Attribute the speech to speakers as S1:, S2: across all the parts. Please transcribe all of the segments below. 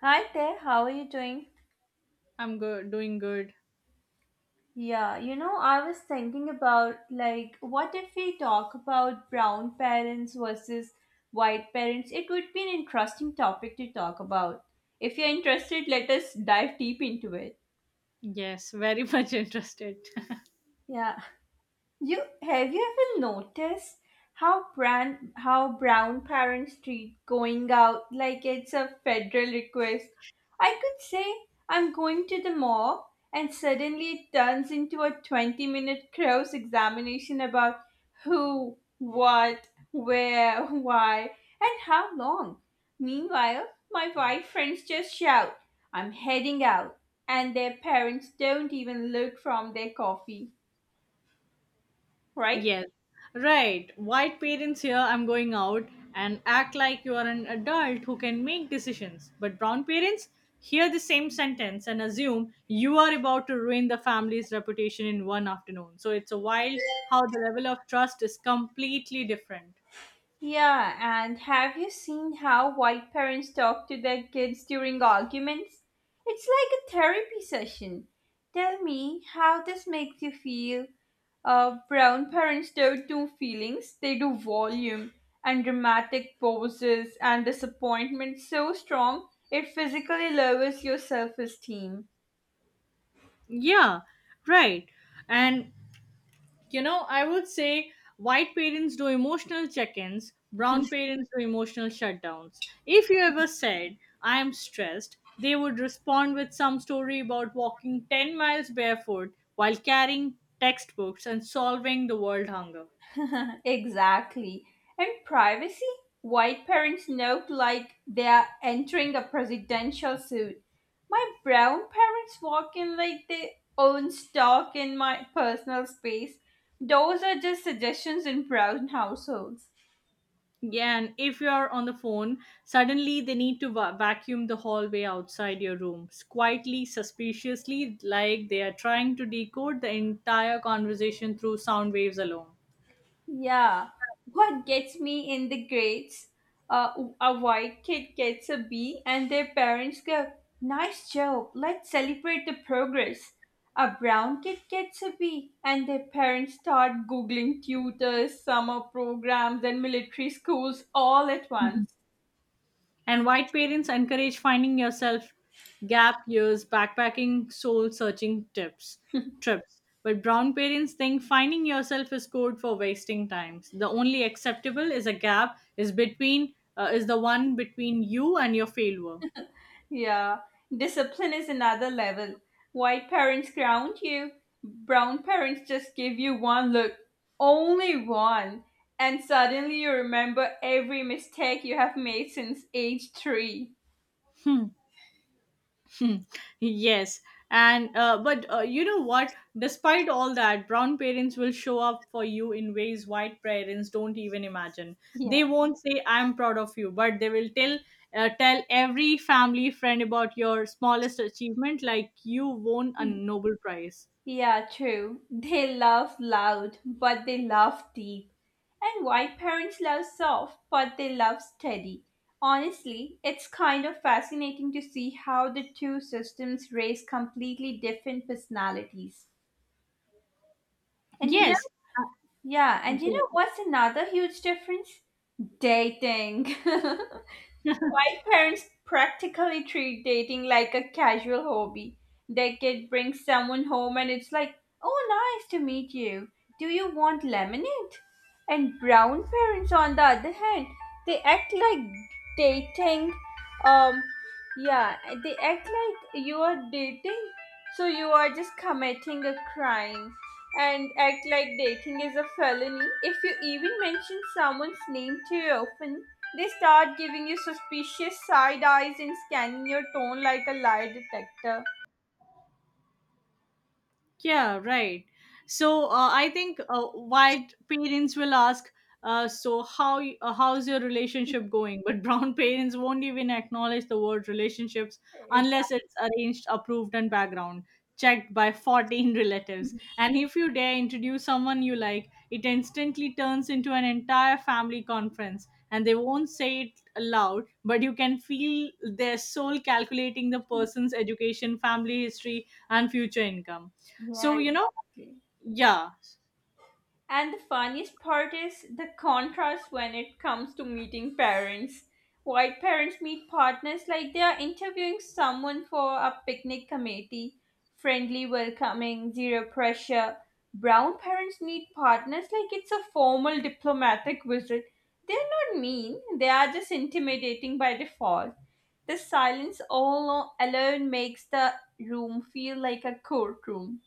S1: Hi there, how are you doing?
S2: I'm good, doing good.
S1: I was thinking about, like, what if we talk about brown parents versus white parents? It would be an interesting topic to talk about. If you're interested, let us dive deep into it.
S2: Yes, very much interested.
S1: Yeah. You have you ever noticed how brown parents treat going out like it's a federal request? I could say I'm going to the mall, and suddenly it turns into a 20-minute cross examination about who, what, where, why, and how long. Meanwhile, my white friends just shout, I'm heading out, and their parents don't even look from their coffee, right?
S2: yes, right. White parents here, "I'm going out," and act like you are an adult who can make decisions. But brown parents hear the same sentence and assume you are about to ruin the family's reputation in one afternoon. So it's a wild how the level of trust is completely different.
S1: Yeah, and have you seen how white parents talk to their kids during arguments? It's like a therapy session. Tell me how this makes you feel. Brown parents don't do feelings, they do volume and dramatic poses and disappointment so strong it physically lowers your self esteem.
S2: Yeah, right. And I would say white parents do emotional check ins, brown parents do emotional shutdowns. If you ever said, "I am stressed," they would respond with some story about walking 10 miles barefoot while carrying textbooks and solving the world hunger.
S1: Exactly. And privacy? White parents look like they are entering a presidential suit. My brown parents walk in like they own stock in my personal space. Those are just suggestions in brown households.
S2: Yeah, and if you're on the phone, suddenly they need to vacuum the hallway outside your rooms, quietly, suspiciously, like they are trying to decode the entire conversation through sound waves alone.
S1: Yeah, what gets me in the grades? Uh, a white kid gets a B, and their parents go, nice job, let's celebrate the progress. A brown kid gets a B, and their parents start googling tutors, summer programs, and military schools all at once.
S2: And white parents encourage finding yourself, gap years, backpacking, soul searching tips, trips. But brown parents think finding yourself is code for wasting times. The only acceptable is a gap is between is the one between you and your failure.
S1: Yeah, discipline is another level. White parents ground you, brown parents just give you one look, only one, and suddenly you remember every mistake you have made since age three.
S2: Hmm. Yes, and but you know what? Despite all that, brown parents will show up for you in ways white parents don't even imagine.
S1: Yeah.
S2: They won't say, "I'm proud of you," but they will tell tell every family friend about your smallest achievement, like you won a
S1: Mhm.
S2: Nobel Prize.
S1: Yeah, true. They love loud, but they love deep. And white parents love soft, but they love steady. Honestly, it's kind of fascinating to see how the two systems raise completely different personalities. And
S2: Yes, uh,
S1: yeah, and you
S2: yeah.
S1: know what's another huge difference? Dating. My parents practically treat dating like a casual hobby. Their kid brings someone home and it's like, oh, nice to meet you. Do you want lemonade? And brown parents, on the other hand, they act like dating. Um, yeah, you are dating, so you are just committing a crime and act like dating is a felony. If you even mention someone's name too often, they start giving you suspicious side eyes and scanning your tone like a lie detector.
S2: Yeah, right. So I think white parents will ask, "So how's your relationship going?" But brown parents won't even acknowledge the word relationships unless it's arranged, approved, and background checked by 14 relatives.
S1: Mhm.
S2: And if you dare introduce someone you like, it instantly turns into an entire family conference. And they won't say it aloud, but you can feel their soul calculating the person's education, family history, and future income.
S1: Yeah,
S2: So, you know,
S1: exactly.
S2: yeah.
S1: And the funniest part is the contrast when it comes to meeting parents. White parents meet partners like they are interviewing someone for a picnic committee, friendly, welcoming, zero pressure. Brown parents meet partners like it's a formal diplomatic visit. They're not mean, they are just intimidating by default. The silence all alone makes the room feel like a courtroom.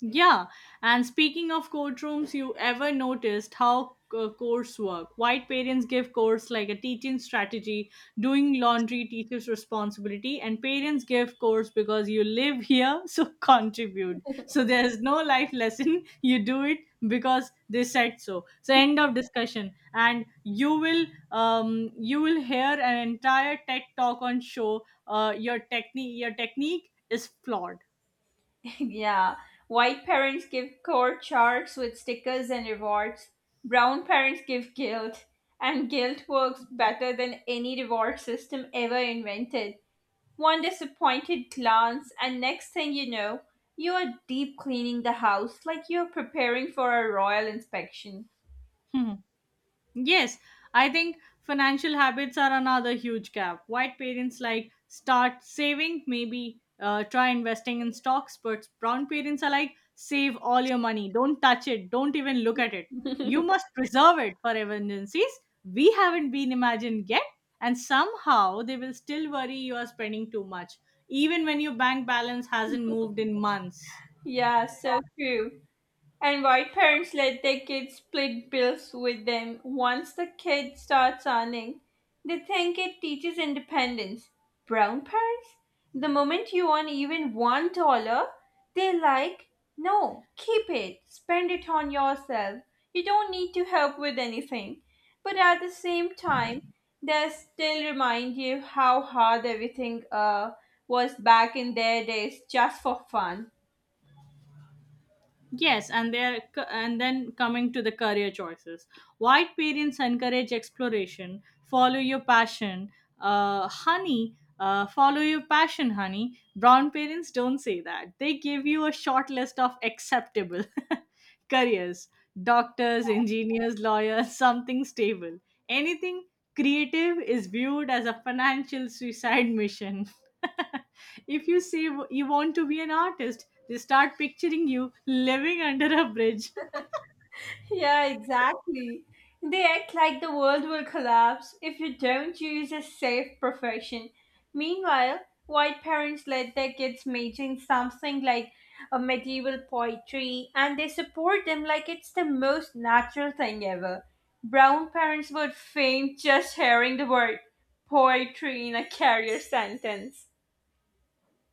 S2: Yeah, and speaking of courtrooms, you ever noticed how course work? White parents give course like a teaching strategy, doing laundry, teacher's responsibility, and parents give course because you live here, so contribute. So there's no life lesson. You do it because they said so. So end of discussion. And you will hear an entire tech talk on show. Your technique is flawed.
S1: Yeah, white parents give core charts with stickers and rewards. Brown parents give guilt, and guilt works better than any reward system ever invented. One disappointed glance, and next thing you know, you are deep cleaning the house like you're preparing for a royal inspection.
S2: Yes, I think financial habits are another huge gap. White parents like, "Start saving, maybe try investing in stocks," but brown parents are like, "Save all your money, don't touch it, don't even look at it. You must preserve it for emergencies. We haven't been imagined yet," and somehow they will still worry you are spending too much, even when your bank balance hasn't moved in months.
S1: Yeah, so true. And white parents let their kids split bills with them once the kid starts earning? They think it teaches independence. Brown parents? The moment you earn even $1, they're like, no, keep it, spend it on yourself. You don't need to help with anything. But at the same time, they still remind you how hard everything was back in their days just for fun.
S2: Yes, and then coming to the career choices. White parents encourage exploration. "Follow your passion, honey. Follow your passion, honey." Brown parents don't say that. They give you a short list of acceptable careers: doctors, engineers, lawyers, something stable. Anything creative is viewed as a financial suicide mission. If you say you want to be an artist, they start picturing you living under a bridge.
S1: Yeah, exactly. They act like the world will collapse if you don't use a safe profession. Meanwhile, white parents let their kids major in something like a medieval poetry, and they support them like it's the most natural thing ever. Brown parents would faint just hearing the word poetry in a career sentence.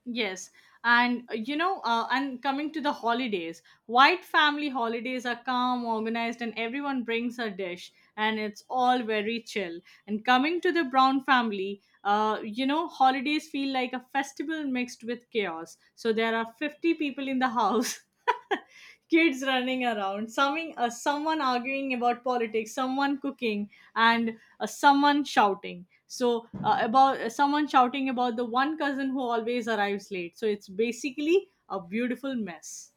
S2: Yes. And coming to the holidays, white family holidays are calm, organized, and everyone brings a dish, and it's all very chill. And coming to the brown family, holidays feel like a festival mixed with chaos. So there are 50 people in the house, kids running around, something, someone arguing about politics, someone cooking, and someone shouting. So about Someone shouting about the one cousin who always arrives late. So it's basically a beautiful mess.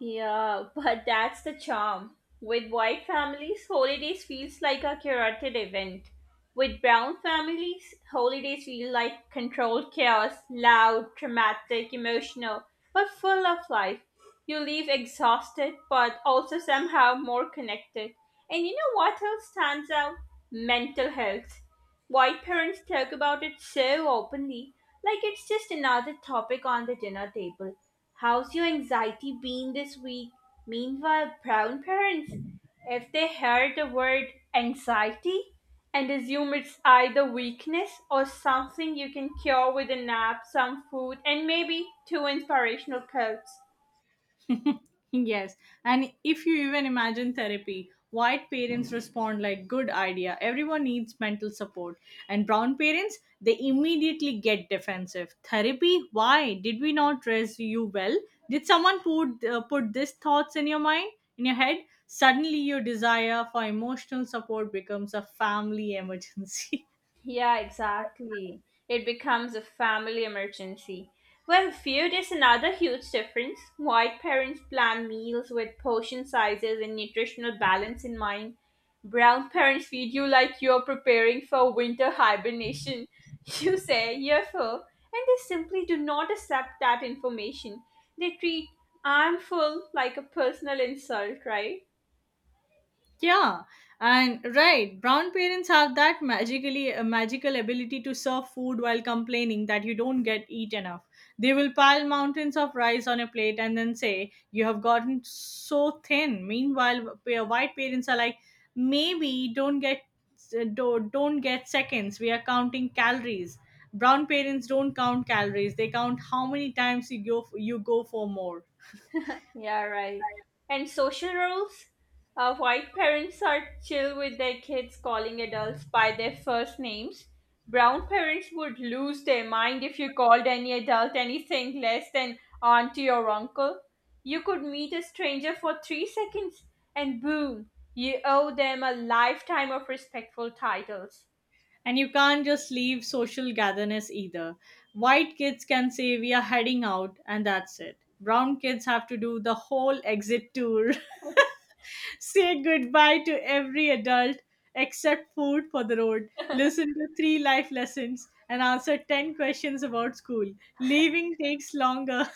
S1: Yeah, but that's the charm. With white families, holidays feels like a curated event. With brown families, holidays feel like controlled chaos, loud, dramatic, emotional, but full of life. You leave exhausted, but also somehow more connected. And you know what else stands out? Mental health. White parents talk about it so openly, like it's just another topic on the dinner table. How's your anxiety been this week? Meanwhile, brown parents, if they hear the word anxiety, and assume it's either weakness or something you can cure with a nap, some food, and maybe two inspirational quotes.
S2: Yes. And if you even imagine therapy, white parents respond like, "Good idea. Everyone needs mental support." And brown parents, they immediately get defensive. "Therapy? Why? Did we not raise you well? Did someone put, put these thoughts in your mind, in your head?" Suddenly, your desire for emotional support becomes a family emergency.
S1: Yeah, exactly. It becomes a family emergency. Well, food is another huge difference. White parents plan meals with portion sizes and nutritional balance in mind. Brown parents feed you like you're preparing for winter hibernation. You say you're full, and they simply do not accept that information. They treat I'm full like a personal insult, right?
S2: Yeah, and right, brown parents have that magical ability to serve food while complaining that you don't get eat enough. They will pile mountains of rice on a plate and then say, "You have gotten so thin." Meanwhile, white parents are like, "Maybe don't get don't get seconds. We are counting calories." Brown parents don't count calories; they count how many times you go for more.
S1: Yeah, right. And social roles? White parents are chill with their kids calling adults by their first names. Brown parents would lose their mind if you called any adult anything less than auntie or uncle. You could meet a stranger for 3 seconds and boom, you owe them a lifetime of respectful titles.
S2: And you can't just leave social gatherings either. White kids can say, "We are heading out," and that's it. Brown kids have to do the whole exit tour, say goodbye to every adult, except food for the road, listen to three life lessons, and answer 10 questions about school. Leaving takes longer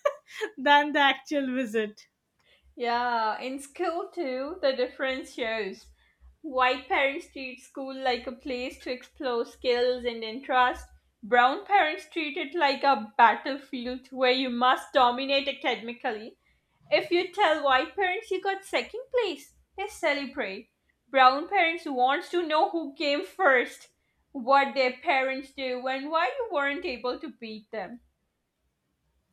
S2: than the actual visit.
S1: Yeah, in school too, the difference shows. White parents treat school like a place to explore skills and interests. Brown parents treat it like a battlefield where you must dominate academically. If you tell white parents you got second place, they celebrate. Brown parents wants to know who came first, what their parents do, and why you weren't able to beat them.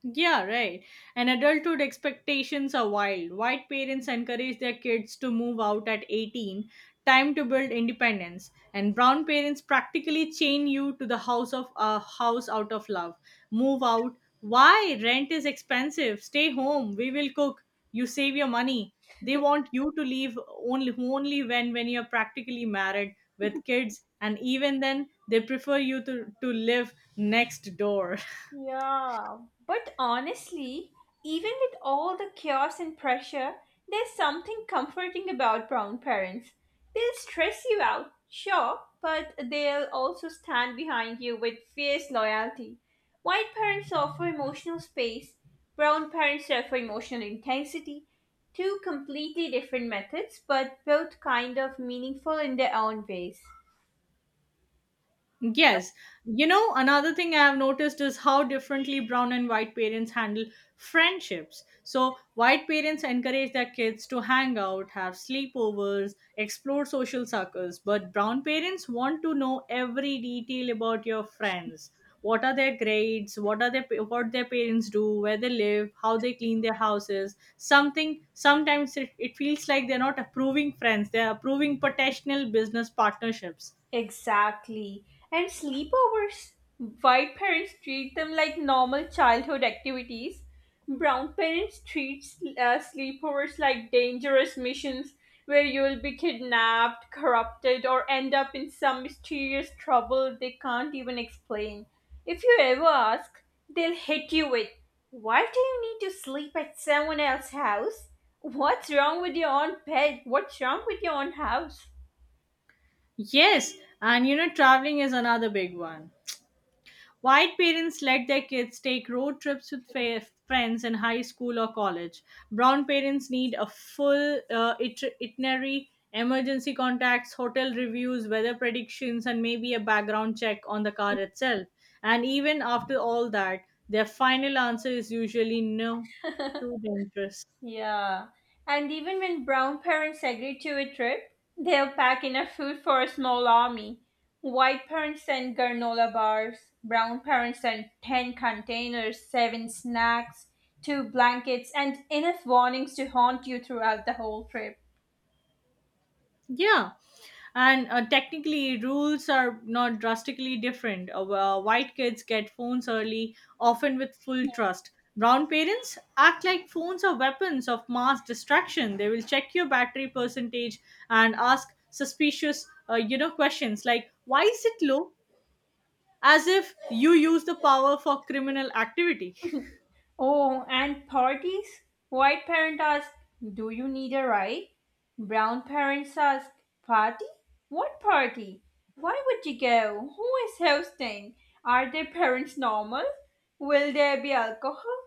S2: Yeah, right. And adulthood expectations are wild. White parents encourage their kids to move out at 18, time to build independence. And brown parents practically chain you to the house of a house out of love. "Move out. Why? Rent is expensive. Stay home. We will cook. You save your money." They want you to leave only when you're practically married with kids, and even then they prefer you to live next door.
S1: Yeah, but honestly, even with all the chaos and pressure, there's something comforting about brown parents. They'll stress you out, sure, but they'll also stand behind you with fierce loyalty. White parents offer emotional space, brown parents offer emotional intensity. Two completely different methods, but both kind of meaningful in their own ways.
S2: Yes. You know, another thing I have noticed is how differently brown and white parents handle friendships. So, white parents encourage their kids to hang out, have sleepovers, explore social circles, but brown parents want to know every detail about your friends. What are their grades? What their parents do? Where they live? How they clean their houses? Something. Sometimes it feels like they're not approving friends; they're approving potential business partnerships.
S1: Exactly. And sleepovers. White parents treat them like normal childhood activities. Brown parents treat sleepovers like dangerous missions where you will be kidnapped, corrupted, or end up in some mysterious trouble they can't even explain. If you ever ask, they'll hit you with, why do you need to sleep at someone else's house? What's wrong with your own bed? What's wrong with your own house?
S2: Yes, and you know, traveling is another big one. White parents let their kids take road trips with friends in high school or college. Brown parents need a full itinerary, emergency contacts, hotel reviews, weather predictions, and maybe a background check on the car itself. And even after all that, their final answer is usually no, too dangerous.
S1: Yeah. And even when brown parents agree to a trip, they'll pack enough food for a small army. White parents send granola bars, brown parents send 10 containers, 7 snacks, 2 blankets, and enough warnings to haunt you throughout the whole trip.
S2: Yeah. And technically, rules are not drastically different. Well, white kids get phones early, often with full trust. Brown parents act like phones are weapons of mass distraction. They will check your battery percentage and ask suspicious, questions like, "Why is it low?" as if you use the power for criminal activity.
S1: Oh, and parties? White parent ask, do you need a ride? Brown parents ask, party? What party? Why would you go? Who is hosting? Are their parents normal? Will there be alcohol?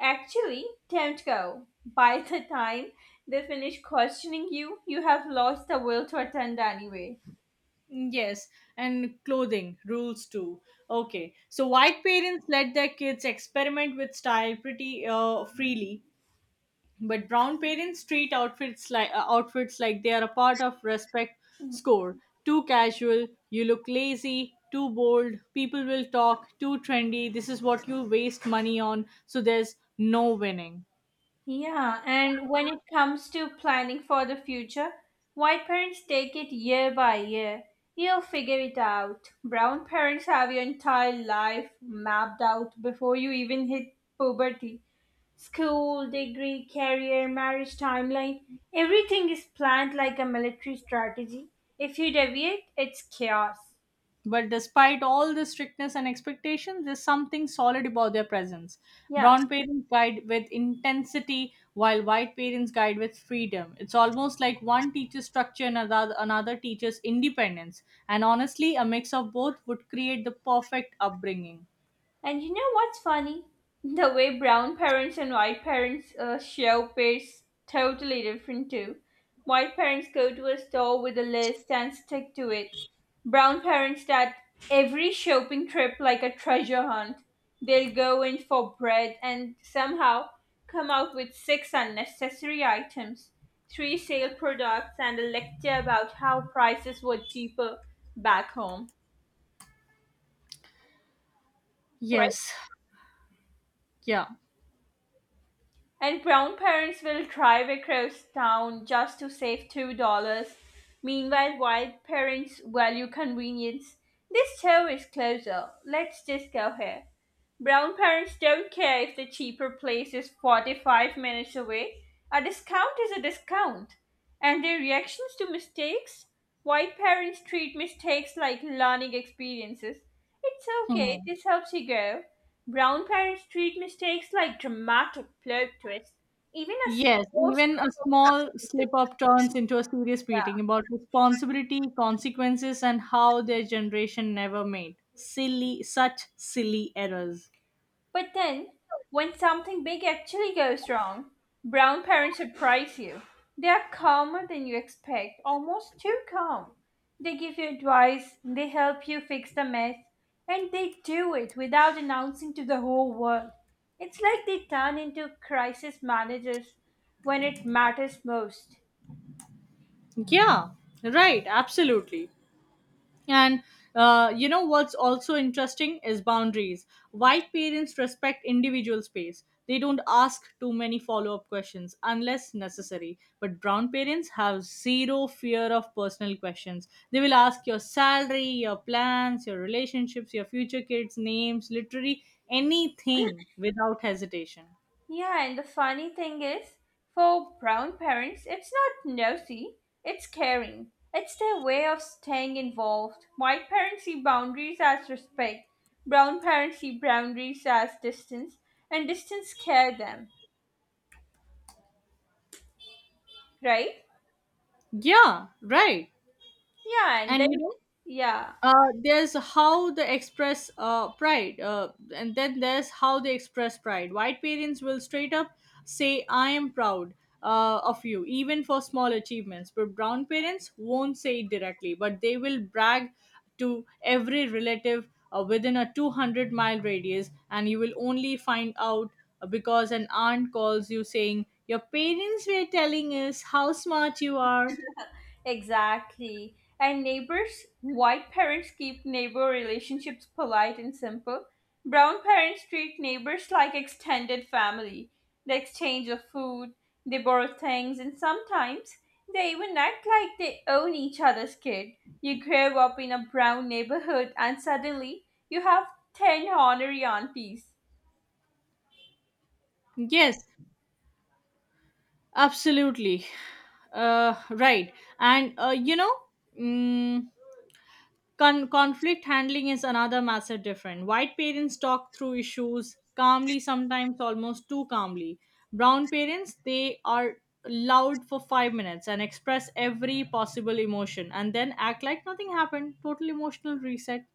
S1: Actually, don't go. By the time they finish questioning you, you have lost the will to attend anyway.
S2: Yes, and clothing rules too. Okay, so white parents let their kids experiment with style pretty freely, but brown parents treat outfits like they are a part of respect score. Too casual, you look lazy. Too bold, people will talk. Too trendy, this is what you waste money on. So there's no winning.
S1: Yeah, and when it comes to planning for the future, white parents take it year by year. You'll figure it out. Brown parents have your entire life mapped out before you even hit puberty. School, degree, career, marriage timeline, everything is planned like a military strategy. If you deviate, it's chaos.
S2: But despite all the strictness and expectations, there's something solid about their presence.
S1: Yeah.
S2: Brown parents guide with intensity, while white parents guide with freedom. It's almost like one teaches structure and another teaches independence. And honestly, a mix of both would create the perfect upbringing.
S1: And you know what's funny? The way brown parents and white parents shop is totally different too. White parents go to a store with a list and stick to it. Brown parents start every shopping trip like a treasure hunt. They'll go in for bread and somehow come out with six unnecessary items, three sale products, and a lecture about how prices were cheaper back home. Right?
S2: Yes. Yeah.
S1: And brown parents will drive across town just to save $2. Meanwhile, white parents value convenience, this show is closer. Let's just go here. Brown parents don't care if the cheaper place is 45 minutes away. A discount is a discount. And their reactions to mistakes? White parents treat mistakes like learning experiences. It's okay,
S2: Hmm.
S1: this helps you grow. Brown parents treat mistakes like dramatic plot twists. Even a
S2: Yes,
S1: small
S2: even
S1: slip
S2: a small
S1: of tongue.
S2: slip up turns into a serious meeting about responsibility, consequences, and how their generation never made silly, such silly errors.
S1: But then, when something big actually goes wrong, brown parents surprise you. They are calmer than you expect, almost too calm. They give you advice, they help you fix the mess, and they do it without announcing to the whole world. It's like they turn into crisis managers when it matters most.
S2: Yeah, right, absolutely. And you know what's also interesting is boundaries. White parents respect individual space. They don't ask too many follow up questions unless necessary. But brown parents have zero fear of personal questions. They will ask your salary, your plans, your relationships, your future kids' names, literally anything without hesitation.
S1: Yeah, and the funny thing is, for brown parents, it's not nosy, it's caring. It's their way of staying involved. White parents see boundaries as respect, brown parents see boundaries as distance, and distance care them, right?
S2: Yeah, right.
S1: Yeah, and
S2: And you
S1: then,
S2: know,
S1: yeah.
S2: uh, there's how they express pride, and then there's how they express pride. White parents will straight up say, "I am proud of you," even for small achievements. But brown parents won't say it directly, but they will brag to every relative within a 200-mile radius, and you will only find out because an aunt calls you saying, "Your parents were telling us how smart you are."
S1: Exactly. And neighbors, white parents keep neighbor relationships polite and simple. Brown parents treat neighbors like extended family. They exchange of food, they borrow things, and sometimes they even act like they own each other's kid. You grow up in a brown neighborhood and suddenly you have 10 honorary aunties.
S2: Yes, absolutely. Uh, right. And, mm, conflict handling is another massive difference. White parents talk through issues calmly, sometimes almost too calmly. Brown parents, they are loud for 5 minutes and express every possible emotion and then act like nothing happened. Total emotional reset.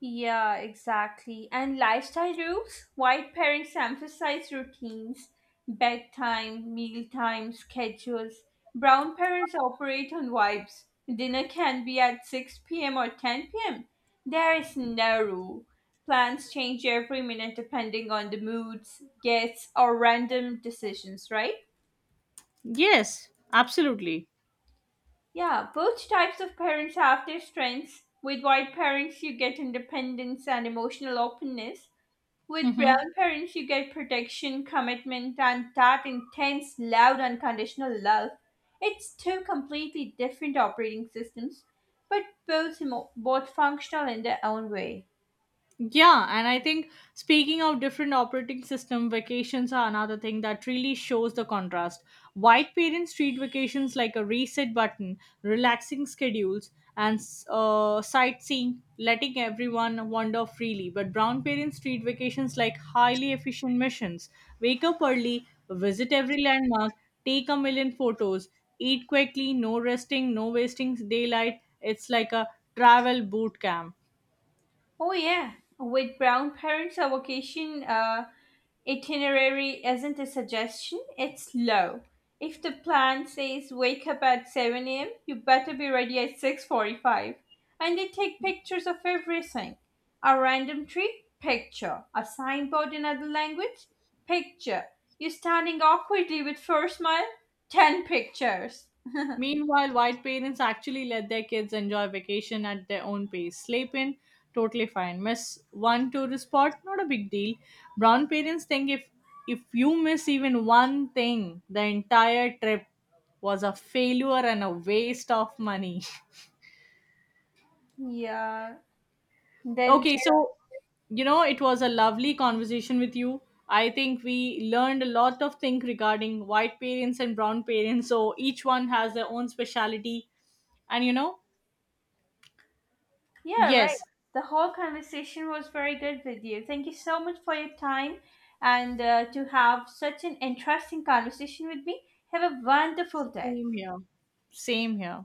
S1: Yeah, exactly. And lifestyle rules? White parents emphasize routines, bedtime, mealtime, schedules. Brown parents operate on vibes. Dinner can be at 6 p.m. or 10 p.m. There is no rule. Plans change every minute depending on the moods, guests, or random decisions, right?
S2: Yes, absolutely.
S1: Yeah, both types of parents have their strengths. With white parents, you get independence and emotional openness. With
S2: Mm-hmm.
S1: brown parents, you get protection, commitment, and that intense, loud, unconditional love. It's two completely different operating systems, but both functional in their own way.
S2: Yeah, and I think speaking of different operating system, vacations are another thing that really shows the contrast. White parents treat vacations like a reset button, relaxing schedules, and sightseeing, letting everyone wander freely. But brown parents treat vacations like highly efficient missions. Wake up early, visit every landmark, take a million photos, eat quickly, no resting, no wasting daylight. It's like a travel boot camp.
S1: Oh yeah, with brown parents, our vocation. Itinerary isn't a suggestion, it's law. If the plan says wake up at 7 a.m., you better be ready at 6:45. And they take pictures of everything. A random tree? Picture. A signboard in another language? Picture. You standing awkwardly with first smile? 10 pictures.
S2: Meanwhile, white parents actually let their kids enjoy vacation at their own pace. Sleep in, totally fine. Miss one tourist spot, not a big deal. Brown parents think if you miss even one thing, the entire trip was a failure and a waste of money.
S1: Yeah. Then
S2: Okay, so you know, it was a lovely conversation with you. I think we learned a lot of things regarding white parents and brown parents. So each one has their own speciality. And you know,
S1: yeah, right.
S2: yes.
S1: The whole conversation was very good with you. Thank you so much for your time and to have such an interesting conversation with me. Have a wonderful day.
S2: Same here. Same here.